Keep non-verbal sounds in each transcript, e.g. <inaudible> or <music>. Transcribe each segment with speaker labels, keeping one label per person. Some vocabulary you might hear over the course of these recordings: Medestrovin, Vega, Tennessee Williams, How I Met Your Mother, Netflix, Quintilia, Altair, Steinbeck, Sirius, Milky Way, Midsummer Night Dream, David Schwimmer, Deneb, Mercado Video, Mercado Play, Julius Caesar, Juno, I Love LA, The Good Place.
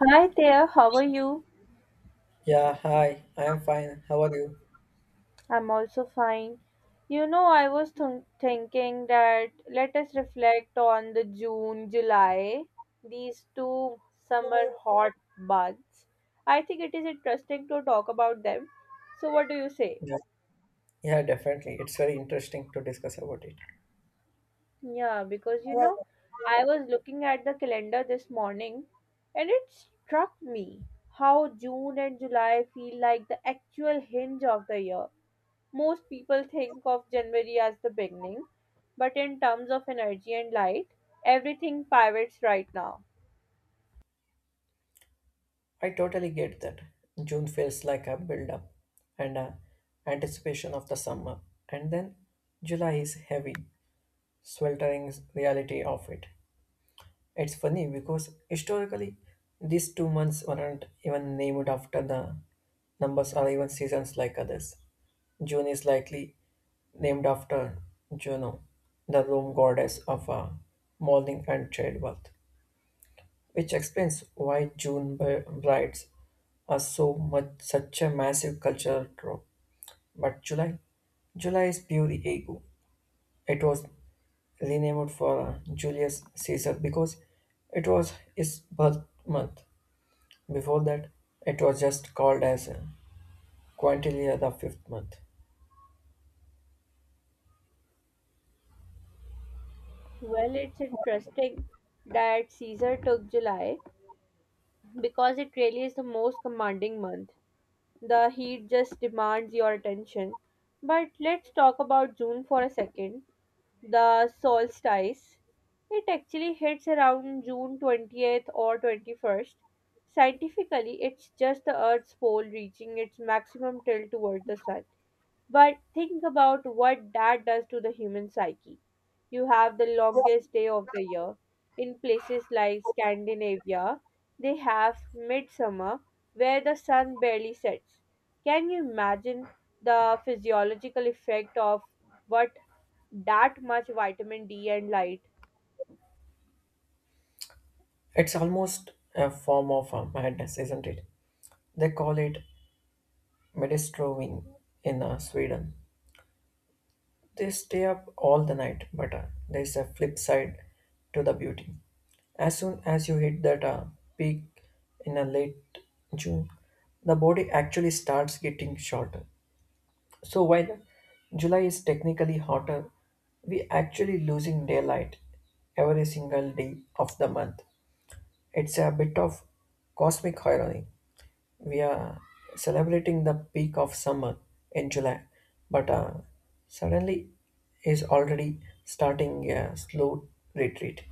Speaker 1: Hi there, how are you?
Speaker 2: Yeah, hi. I am fine. How are you?
Speaker 1: I'm also fine. I was thinking that let us reflect on the June, July, these two summer hot months. I think it is interesting to talk about them. So, what do you say?
Speaker 2: Yeah. Yeah, definitely. It's very interesting to discuss about it.
Speaker 1: Yeah, because I was looking at the calendar this morning and it struck me how June and July feel like the actual hinge of the year. Most people think of January as the beginning, but in terms of energy and light, everything pivots right now.
Speaker 2: I totally get that. June feels like a build up and a anticipation of the summer. And then July is heavy, sweltering reality of it. It's funny because historically these 2 months weren't even named after the numbers or even seasons like others. June is likely named after Juno, the Roman goddess of mourning and childbirth, which explains why June brides are so much such a massive cultural trope. But July, July is pure ego. It was renamed for Julius Caesar because it was his birth month. Before that, it was just called as Quintilia, the fifth month.
Speaker 1: Well, it's interesting that Caesar took July because it really is the most commanding month. The heat just demands your attention. But let's talk about June for a second, the solstice. It actually hits around June 20th or 21st. Scientifically, it's just the Earth's pole reaching its maximum tilt toward the sun. But think about what that does to the human psyche. You have the longest day of the year. In places like Scandinavia, they have midsummer where the sun barely sets. Can you imagine the physiological effect of what that much vitamin D and light?
Speaker 2: It's almost a form of madness, isn't it? They call it Medestrovin in Sweden. They stay up all the night, but there's a flip side to the beauty. As soon as you hit that peak in a late June, the body actually starts getting shorter. So while July is technically hotter, we actually losing daylight every single day of the month. It's a bit of cosmic irony. We are celebrating the peak of summer in July, but suddenly is already starting a slow retreat.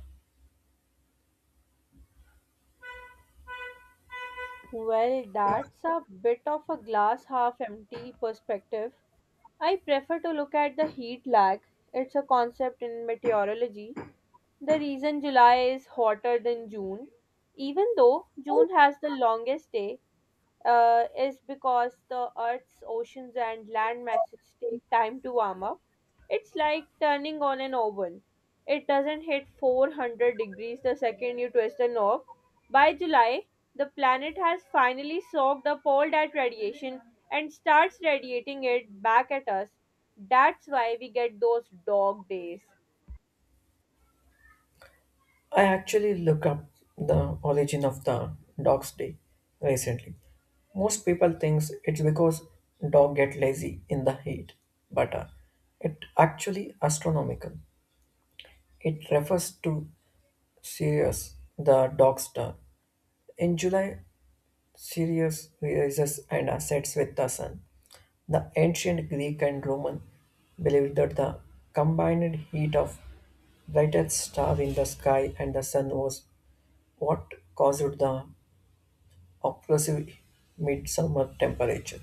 Speaker 1: Well, that's a bit of a glass half empty perspective. I prefer to look at the heat lag. It's a concept in meteorology. The reason July is hotter than June, even though June has the longest day, is because the Earth's oceans and land masses take time to warm up. It's like turning on an oven. It doesn't hit 400 degrees the second you twist a knob. By July, the planet has finally soaked up all that radiation and starts radiating it back at us. That's why we get those dog days.
Speaker 2: I actually look up the origin of the dog's day recently. Most people think it's because dog get lazy in the heat, but it actually astronomical. It refers to Sirius, the dog star. In July, Sirius rises and sets with the sun. The ancient Greek and Roman believed that the combined heat of brightest star in the sky and the sun was what caused the oppressive midsummer temperature.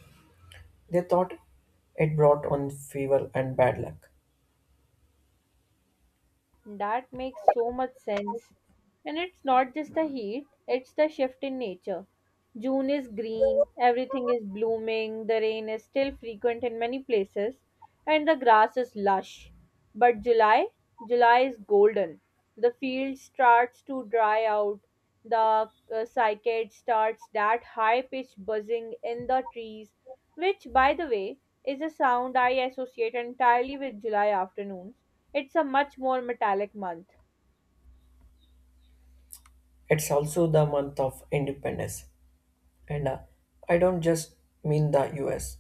Speaker 2: They thought it brought on fever and bad luck.
Speaker 1: That makes so much sense. And it's not just the heat, it's the shift in nature. June is green, everything is blooming, the rain is still frequent in many places, and the grass is lush. But July, July is golden. The field starts to dry out, the cicad starts that high pitched buzzing in the trees, which, by the way, is a sound I associate entirely with July afternoons. It's a much more metallic month.
Speaker 2: It's also the month of independence. And I don't just mean the US.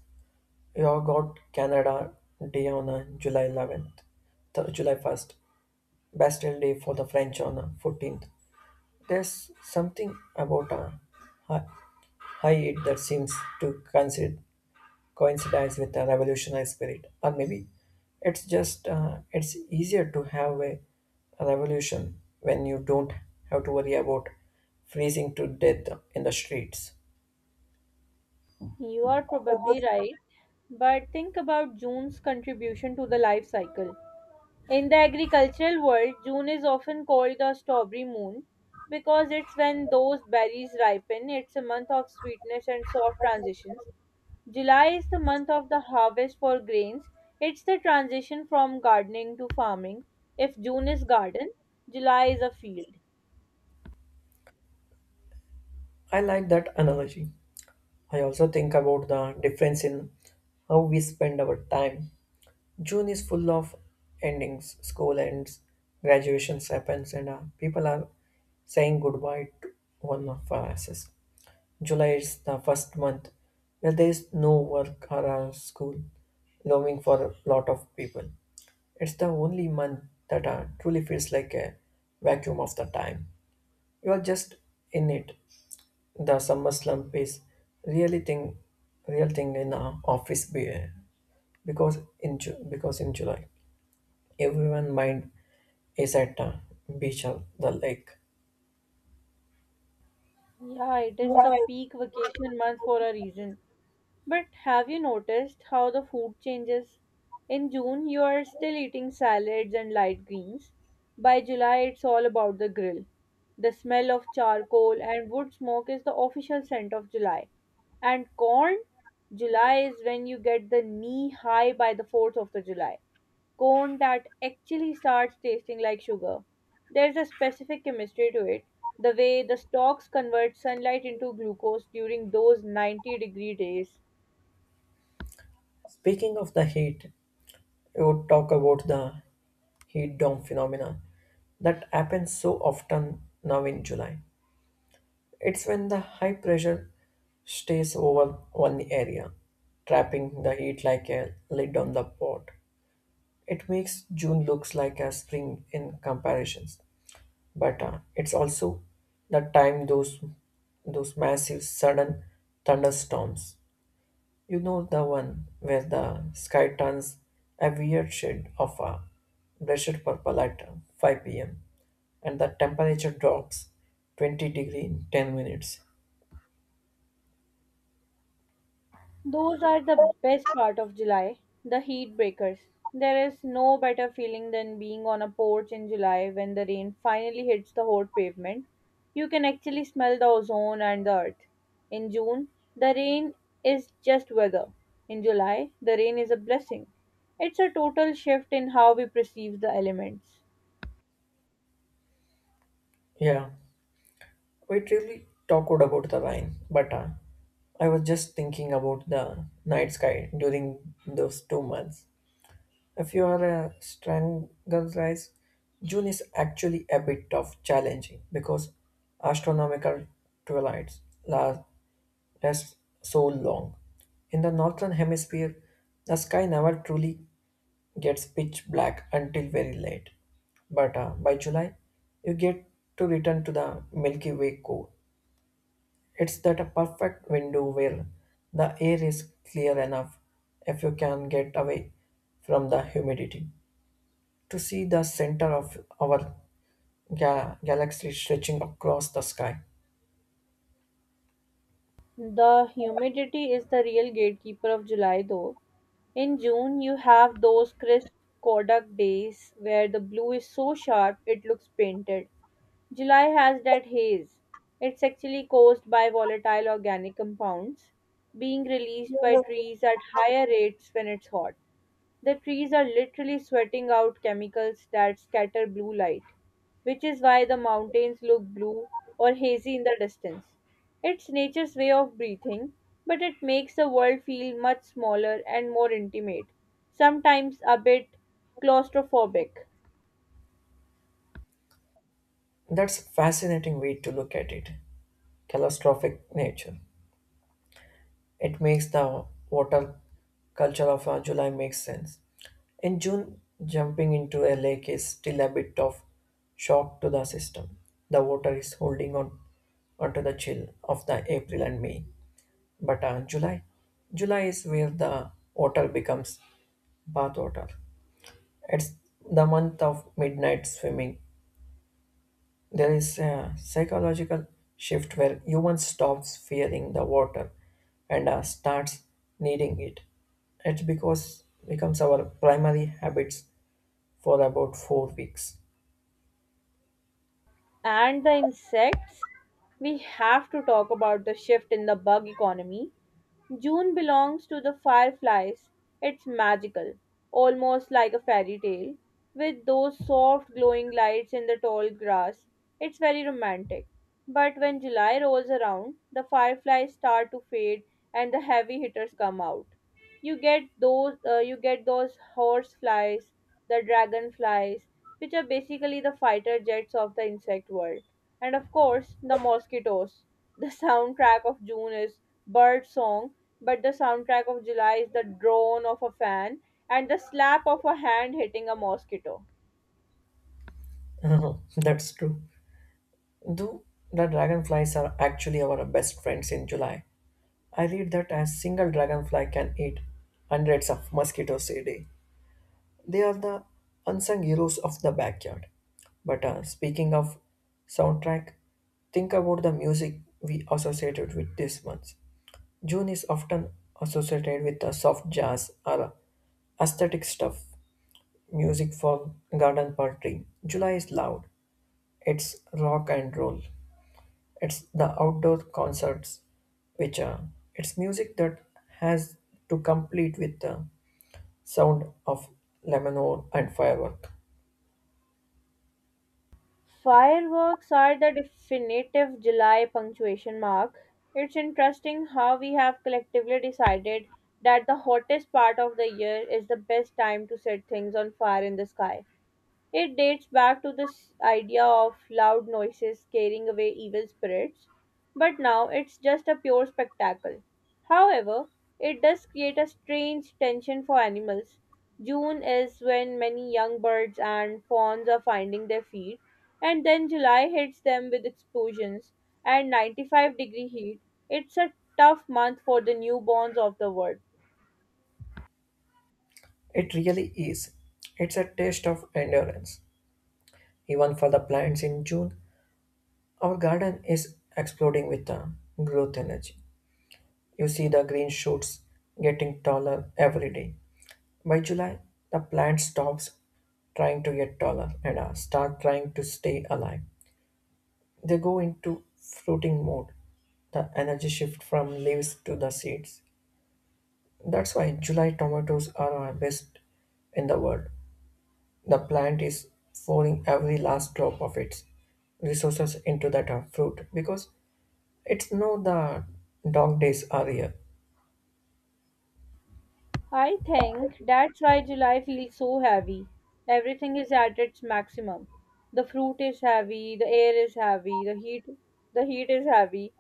Speaker 2: You have got Canada Day on July 1st, Bastille Day for the French on 14th. There's something about a hi- high heat that seems to coincides with a revolutionary spirit, or maybe it's easier to have a revolution when you don't have to worry about freezing to death in the streets.
Speaker 1: You are probably right, but think about June's contribution to the life cycle. In the agricultural world, June is often called the strawberry moon because it's when those berries ripen. It's a month of sweetness and soft transitions, July is the month of the harvest for grains. It's the transition from gardening to farming. If June is garden, July is a field.
Speaker 2: I like that analogy. I also think about the difference in how we spend our time. June is full of endings. School ends, graduations happens, and people are saying goodbye to one of our asses. July is the first month where there is no work or school, looming for a lot of people. It's the only month that truly feels like a vacuum of the time. You are just in it. The summer slump is really thing, real thing in office because in July. Everyone mind is at the beach of the lake.
Speaker 1: Yeah, it is the
Speaker 2: Right.
Speaker 1: peak vacation month for a reason. But have you noticed how the food changes? In June, you are still eating salads and light greens. By July, it's all about the grill. The smell of charcoal and wood smoke is the official scent of July. And corn? July is when you get the knee high by the 4th of the July. Corn that actually starts tasting like sugar. There's a specific chemistry to it. The way the stalks convert sunlight into glucose during those 90-degree days.
Speaker 2: Speaking of the heat, we would talk about the heat dome phenomena that happens so often now in July. It's when the high pressure stays over one area, trapping the heat like a lid on the pot. It makes June looks like a spring in comparisons, but it's also the time those massive sudden thunderstorms. You know the one where the sky turns a weird shade of a blessed purple at 5 p.m. and the temperature drops 20 degree in 10 minutes.
Speaker 1: Those are the best part of July, the heat breakers. There is no better feeling than being on a porch in July when the rain finally hits the hot pavement. You can actually smell the ozone and the earth. In June, the rain is just weather. In July, the rain is a blessing. It's a total shift in how we perceive the elements.
Speaker 2: Yeah, we really talked about the line, but I was just thinking about the night sky during those 2 months. If you are a strangerized, June is actually a bit of challenging because astronomical twilights la- lasts so long. In the northern hemisphere, the sky never truly gets pitch black until very late. But by July, you get to return to the Milky Way core. It's that a perfect window where the air is clear enough if you can get away from the humidity to see the center of our galaxy stretching across the sky.
Speaker 1: The humidity is the real gatekeeper of July, though. In June, you have those crisp Kodak days where the blue is so sharp it looks painted. July has that haze. It's actually caused by volatile organic compounds being released by trees at higher rates when it's hot. The trees are literally sweating out chemicals that scatter blue light, which is why the mountains look blue or hazy in the distance. It's nature's way of breathing, but it makes the world feel much smaller and more intimate, sometimes a bit claustrophobic.
Speaker 2: That's a fascinating way to look at it. Catastrophic nature. It makes the water culture of July makes sense. In June, jumping into a lake is still a bit of shock to the system. The water is holding on onto the chill of the April and May. But July, July is where the water becomes bath water. It's the month of midnight swimming. There is a psychological shift where humans stops fearing the water and starts needing it. It because becomes our primary habits for about 4 weeks.
Speaker 1: And the insects? We have to talk about the shift in the bug economy. June belongs to the fireflies. It's magical, almost like a fairy tale, with those soft glowing lights in the tall grass. It's very romantic. But when July rolls around, the fireflies start to fade and the heavy hitters come out. You get those horse flies, the dragon flies, which are basically the fighter jets of the insect world, and of course the mosquitoes. The <laughs> soundtrack of June is bird song, but the soundtrack of July is the drone of a fan and the slap of a hand hitting a mosquito.
Speaker 2: <laughs> That's true. Though the dragonflies are actually our best friends in July, I read that a single dragonfly can eat hundreds of mosquitoes a day. They are the unsung heroes of the backyard. But speaking of soundtrack, think about the music we associated with this month. June is often associated with the soft jazz or aesthetic stuff, music for garden party. July is loud. It's rock and roll. It's the outdoor concerts, which it's music that has to complete with the sound of lemonade and firework.
Speaker 1: Fireworks are the definitive July punctuation mark. It's interesting how we have collectively decided that the hottest part of the year is the best time to set things on fire in the sky. It dates back to this idea of loud noises carrying away evil spirits, but now it's just a pure spectacle. However, it does create a strange tension for animals. June is when many young birds and fawns are finding their feed, and then July hits them with explosions and 95-degree heat. It's a tough month for the newborns of the world.
Speaker 2: It really is. It's a test of endurance. Even for the plants in June, our garden is exploding with growth energy. You see the green shoots getting taller every day. By July, the plant stops trying to get taller and start trying to stay alive. They go into fruiting mode, the energy shift from leaves to the seeds. That's why July tomatoes are our best in the world. The plant is pouring every last drop of its resources into that fruit because it's know the dog days are here.
Speaker 1: I think that's why July feels so heavy. Everything is at its maximum. The fruit is heavy, the air is heavy, the heat is heavy.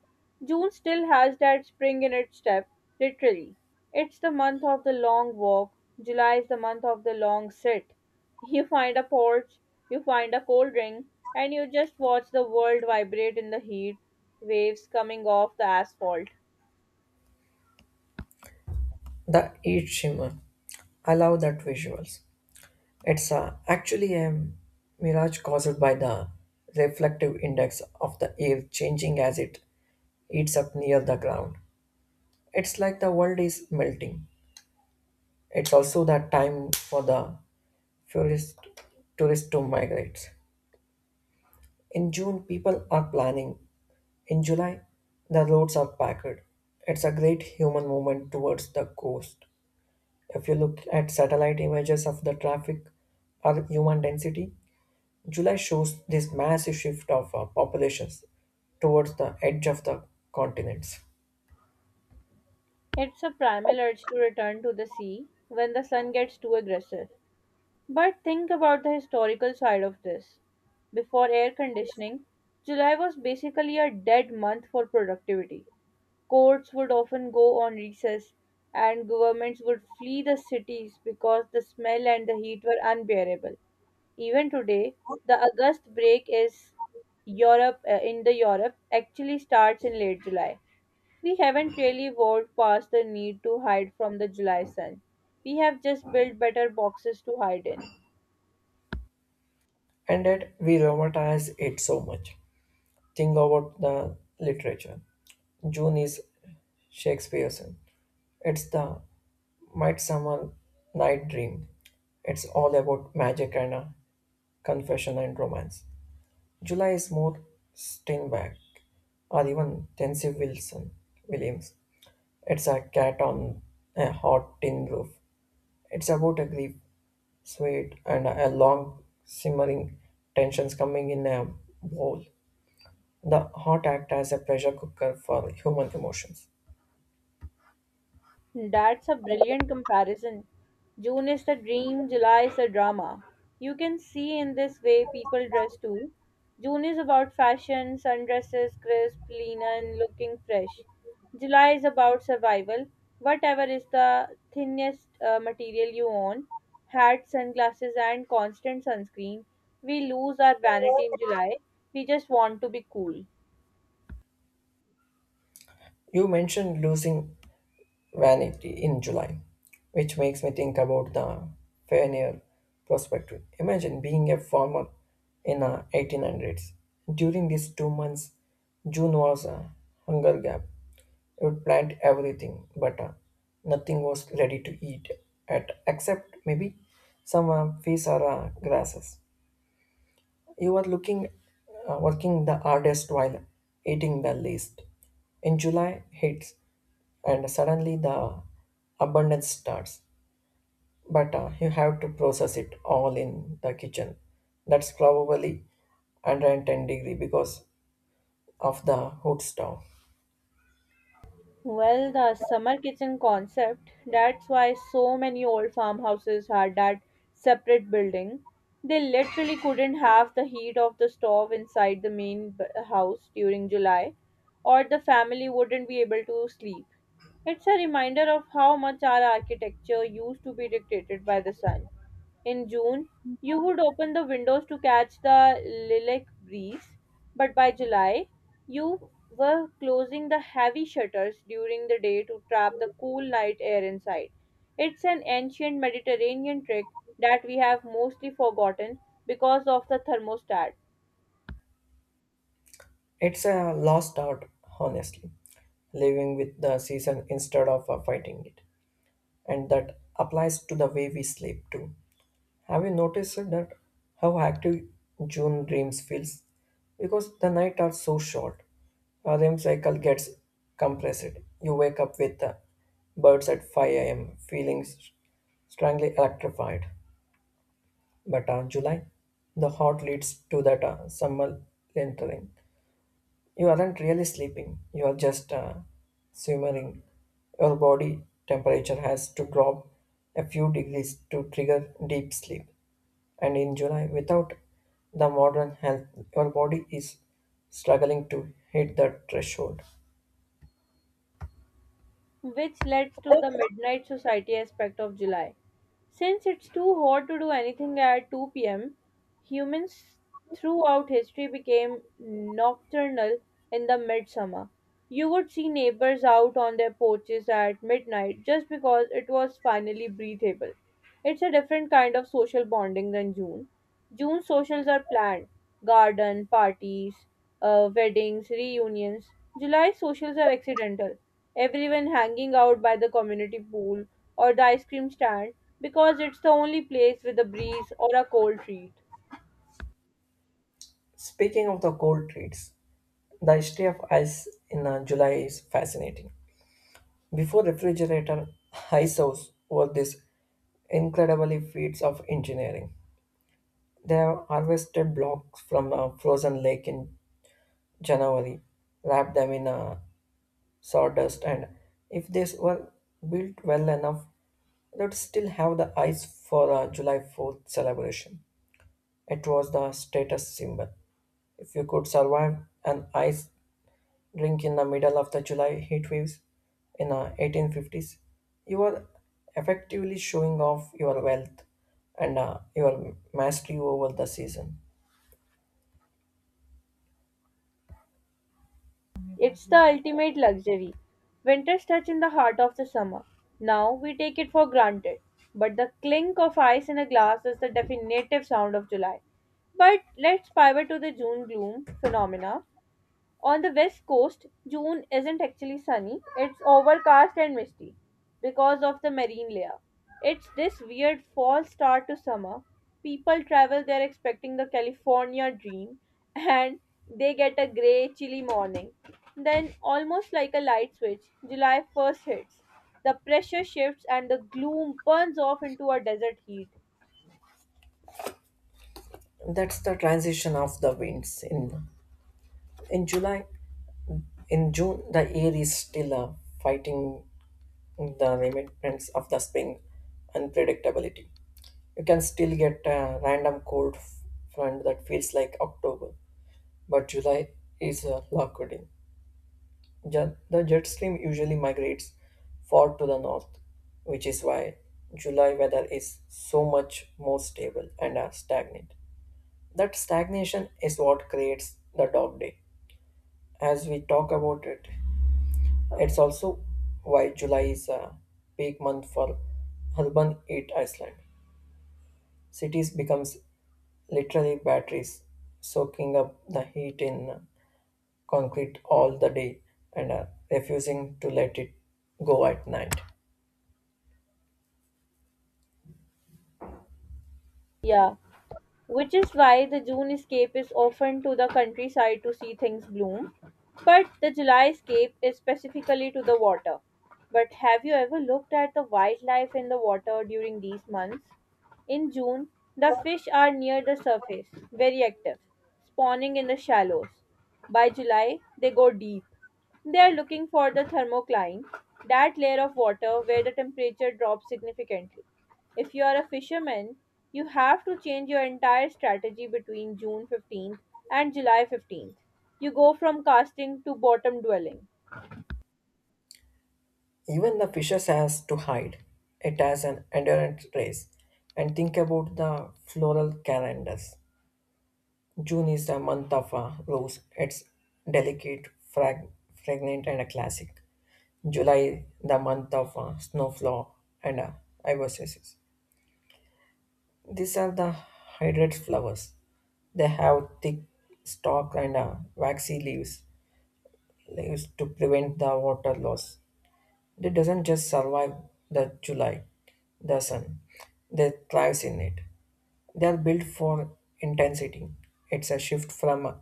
Speaker 1: June still has that spring in its step, literally. It's the month of the long walk. July is the month of the long sit. You find a porch, you find a cold drink, and you just watch the world vibrate in the heat, waves coming off the asphalt.
Speaker 2: The eat shimmer. I love that visuals. It's actually a mirage caused by the reflective index of the air changing as it heats up near the ground. It's like the world is melting. It's also the time for the tourist, tourists to migrate. In June, people are planning. In July, the roads are packed. It's a great human movement towards the coast. If you look at satellite images of the traffic or human density, July shows this massive shift of populations towards the edge of the continents.
Speaker 1: It's a primal urge to return to the sea when the sun gets too aggressive. But think about the historical side of this. Before air conditioning, July was basically a dead month for productivity. Courts would often go on recess, and governments would flee the cities because the smell and the heat were unbearable. Even today, the August break is Europe in the Europe actually starts in late July. We haven't really evolved past the need to hide from the July sun. We have just built better boxes to hide in.
Speaker 2: And yet, we romanticize it so much. Think about the literature. June is Shakespearean. It's the Midsummer Night Dream. It's all about magic and confession, and romance. July is more Steinbeck or even Tensive Wilson Williams. It's a cat on a hot tin roof. It's about a grief, sweat, and a long simmering tensions coming in a bowl. The hot act as a pressure cooker for human emotions.
Speaker 1: That's a brilliant comparison. June is the dream, July is the drama. You can see in this way people dress too. June is about fashion, sundresses, crisp, lean, and looking fresh. July is about survival, whatever is the thinnest material you own, hats, sunglasses, and constant sunscreen. We lose our vanity in July. We just want to be cool.
Speaker 2: You mentioned losing Vanity in July, which makes me think about the pioneer perspective. Imagine being a farmer in the 1800s. During these 2 months, June was a hunger gap. You would plant everything, but nothing was ready to eat at except maybe some fish or grasses. You are working the hardest while eating the least. In July hits, and suddenly the abundance starts. But you have to process it all in the kitchen. That's probably 110-degree because of the hot stove.
Speaker 1: Well, the summer kitchen concept, that's why so many old farmhouses had that separate building. They literally couldn't have the heat of the stove inside the main house during July, or the family wouldn't be able to sleep. It's a reminder of how much our architecture used to be dictated by the sun. In June, you would open the windows to catch the lilac breeze, but by July, you were closing the heavy shutters during the day to trap the cool night air inside. It's an ancient Mediterranean trick that we have mostly forgotten because of the thermostat,
Speaker 2: It's a lost art, honestly, living with the season instead of fighting it. And that applies to the way we sleep too. Have you noticed that how active June dreams feels? Because the night are so short, our REM cycle gets compressed. You wake up with the birds at 5 a.m., feeling strangely electrified. But on July, the hot leads to that summer entering. You aren't really sleeping, you are just simmering. Your body temperature has to drop a few degrees to trigger deep sleep. And in July, without the modern health, your body is struggling to hit that threshold.
Speaker 1: which leads to the Midnight Society aspect of July. Since it's too hot to do anything at 2 p.m., humans throughout history became nocturnal in the midsummer. You would see neighbors out on their porches at midnight just because it was finally breathable. It's a different kind of social bonding than June. June socials are planned garden, parties, weddings, reunions. July socials are accidental. Everyone hanging out by the community pool or the ice cream stand because it's the only place with a breeze or a cold treat.
Speaker 2: Speaking of the cold treats, the history of ice in July is fascinating. Before refrigerator, ice house were these incredibly feats of engineering. They have harvested blocks from a frozen lake in January, wrapped them in sawdust, and if they were built well enough, they would still have the ice for a July 4th celebration. It was the status symbol. If you could survive an ice rink in the middle of the July heat waves in the 1850s, you are effectively showing off your wealth and your mastery over the season.
Speaker 1: It's the ultimate luxury. Winter's touch in the heart of the summer. Now we take it for granted. But the clink of ice in a glass is the definitive sound of July. But let's pivot to the June gloom phenomena. On the west coast, June isn't actually sunny, it's overcast and misty because of the marine layer. It's this weird false start to summer. People travel there expecting the California dream and they get a grey, chilly morning. Then, almost like a light switch, July 1st hits. The pressure shifts and the gloom burns off into a desert heat.
Speaker 2: That's the transition of the winds in July. In June, the air is still fighting the remnants of the spring unpredictability. You can still get a random cold front that feels like October, but July is locked in. The jet stream usually migrates far to the north, which is why July weather is so much more stable and stagnant. That stagnation is what creates the dog day, as we talk about it. It's also why July is a peak month for urban heat Iceland. Cities becomes literally batteries, soaking up the heat in concrete all the day and refusing to let it go at night.
Speaker 1: Yeah, which is why the June escape is often to the countryside to see things bloom. But the July escape is specifically to the water. But have you ever looked at the wildlife in the water during these months? In June, the fish are near the surface, very active, spawning in the shallows. By July, they go deep. They are looking for the thermocline, that layer of water where the temperature drops significantly. If you are a fisherman, you have to change your entire strategy between June 15th and July 15th. You go from casting to bottom dwelling.
Speaker 2: Even the fishes has to hide. It has an endurance race. And think about the floral calendars. June is the month of rose. It's delicate, fragrant, and a classic. July, the month of snowflower and ibises. These are the hydrate flowers. They have thick stalk and waxy leaves to prevent the water loss. They doesn't just survive the July, the sun. They thrives in it. They are built for intensity. It's a shift from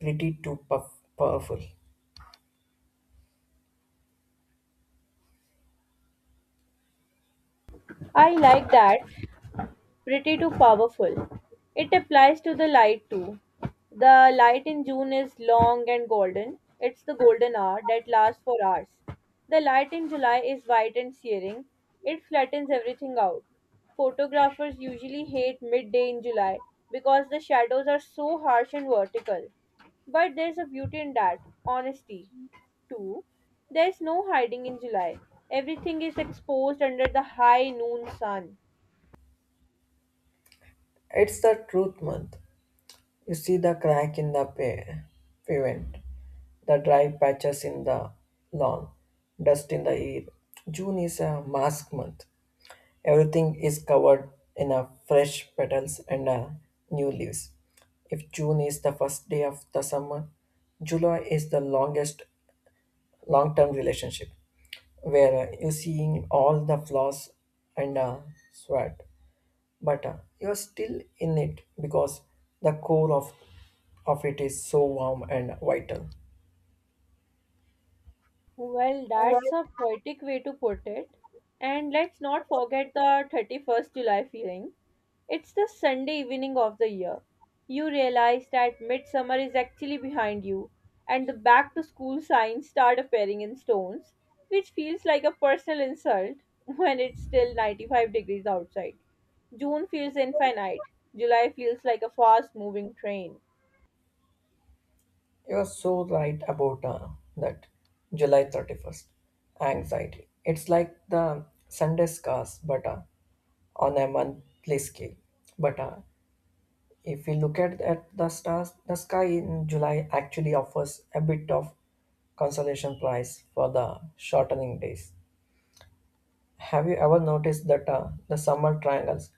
Speaker 2: pretty to powerful.
Speaker 1: I like that pretty to powerful. It applies to the light too. The light in June is long and golden. It's the golden hour that lasts for hours. The light in July is white and searing. It flattens everything out. Photographers usually hate midday in July because the shadows are so harsh and vertical. But there's a beauty in that honesty. 2. There is no hiding in July. Everything is exposed under the high noon sun.
Speaker 2: It's the truth month. You see the crack in the pavement, the dry patches in the lawn, dust in the air. June is a mask month. Everything is covered in a fresh petals and a new leaves. If June is the first day of the summer, July is the longest long-term relationship where you're seeing all the flaws and sweat but you're still in it because the core of it is so warm and vital.
Speaker 1: Well, that's a poetic way to put it. And let's not forget the 31st July feeling. It's the Sunday evening of the year. You realize that midsummer is actually behind you, and the back to school signs start appearing in stones, which feels like a personal insult <laughs> when it's still 95 degrees outside. June feels infinite, July feels like a fast moving train.
Speaker 2: You're so right about that July 31st anxiety. It's like the Sunday scars, but on a monthly scale. But if we look at the stars, the sky in July actually offers a bit of consolation prize for the shortening days. Have you ever noticed that the summer triangles?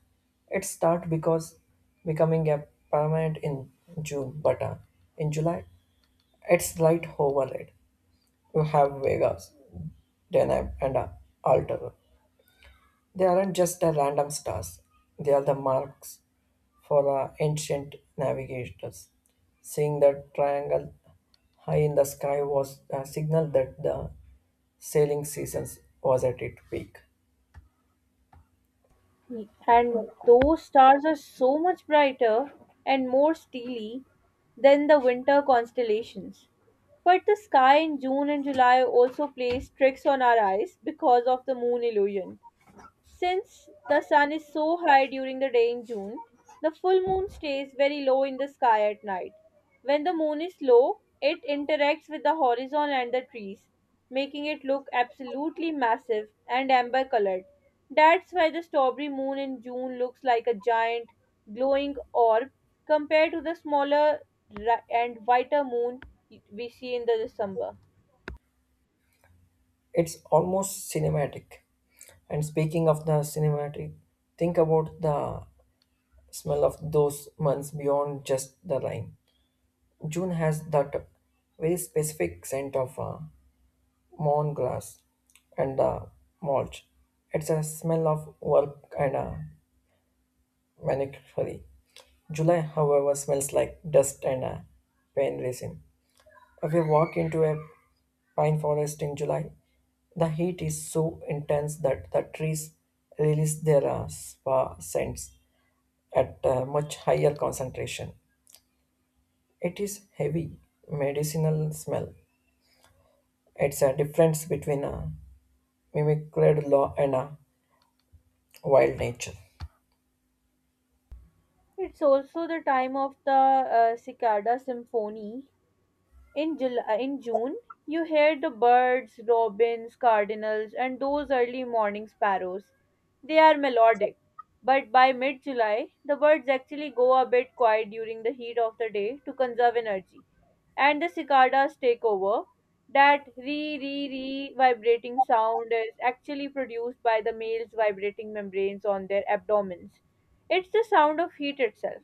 Speaker 2: It start because becoming a permanent in June, but in July it's light overlaid. You have Vegas, Deneb, and Altair. They aren't just the random stars; they are the marks for the ancient navigators. Seeing the triangle high in the sky was a signal that the sailing season was at its peak.
Speaker 1: And those stars are so much brighter and more steely than the winter constellations. But the sky in June and July also plays tricks on our eyes because of the moon illusion. Since the sun is so high during the day in June, the full moon stays very low in the sky at night. When the moon is low, it interacts with the horizon and the trees, making it look absolutely massive and amber colored. That's why the strawberry moon in June looks like a giant, glowing orb compared to the smaller ri- and whiter moon we see in the December.
Speaker 2: It's almost cinematic. And speaking of the cinematic, think about the smell of those months beyond just the line. June has that very specific scent of mown grass and the mulch. It's a smell of work and a maniacally. July, however, smells like dust and pain resin. If you walk into a pine forest in July, the heat is so intense that the trees release their spa scents at a much higher concentration. It is heavy medicinal smell. It's a difference between a mimicred law and a wild nature.
Speaker 1: It's also the time of the cicada symphony, in July, in June, you hear the birds, robins, cardinals, and those early morning sparrows. They are melodic, but by mid July, the birds actually go a bit quiet during the heat of the day to conserve energy, and the cicadas take over. That re re re vibrating sound is actually produced by the male's vibrating membranes on their abdomens. It's the sound of heat itself.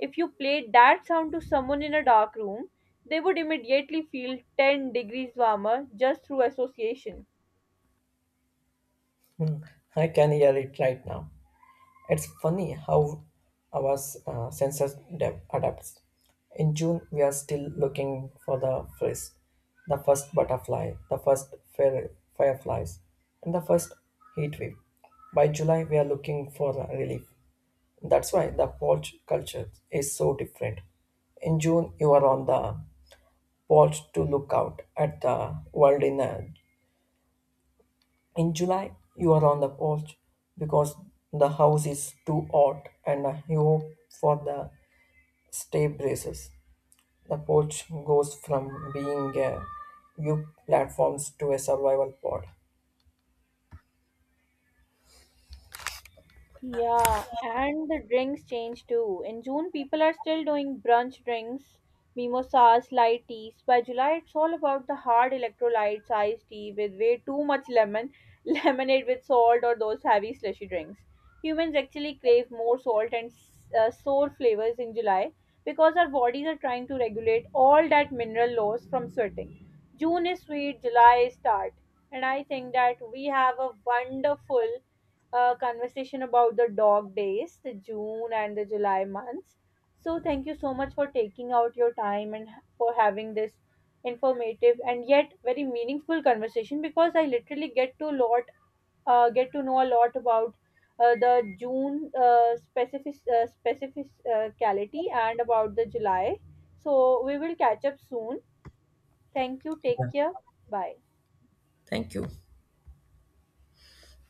Speaker 1: If you played that sound to someone in a dark room, they would immediately feel 10 degrees warmer just through association.
Speaker 2: I can hear it right now. It's funny how our senses adapts. In June, we are still looking for the first butterfly, the first fireflies, and the first heat wave. By July, we are looking for the relief. That's why the porch culture is so different. In June, you are on the porch to look out at the world. In July, you are on the porch because the house is too hot and you hope for the stay braces. The porch goes from being a view platforms to a survival pod.
Speaker 1: Yeah, and the drinks change too. In June, people are still doing brunch drinks, mimosas, light teas. By July, it's all about the hard electrolytes, iced tea with way too much lemon, <laughs> lemonade with salt, or those heavy slushy drinks. Humans actually crave more salt and sour flavors in July because our bodies are trying to regulate all that mineral loss from sweating. June is sweet, July is tart, and I think that we have a wonderful conversation about the dog days, the June and the July months. So, thank you so much for taking out your time and for having this informative and yet very meaningful conversation because I literally get to know a lot about the June, specific cality and about the July. So, we will catch up soon. Thank you. Take care. Bye.
Speaker 2: Thank you.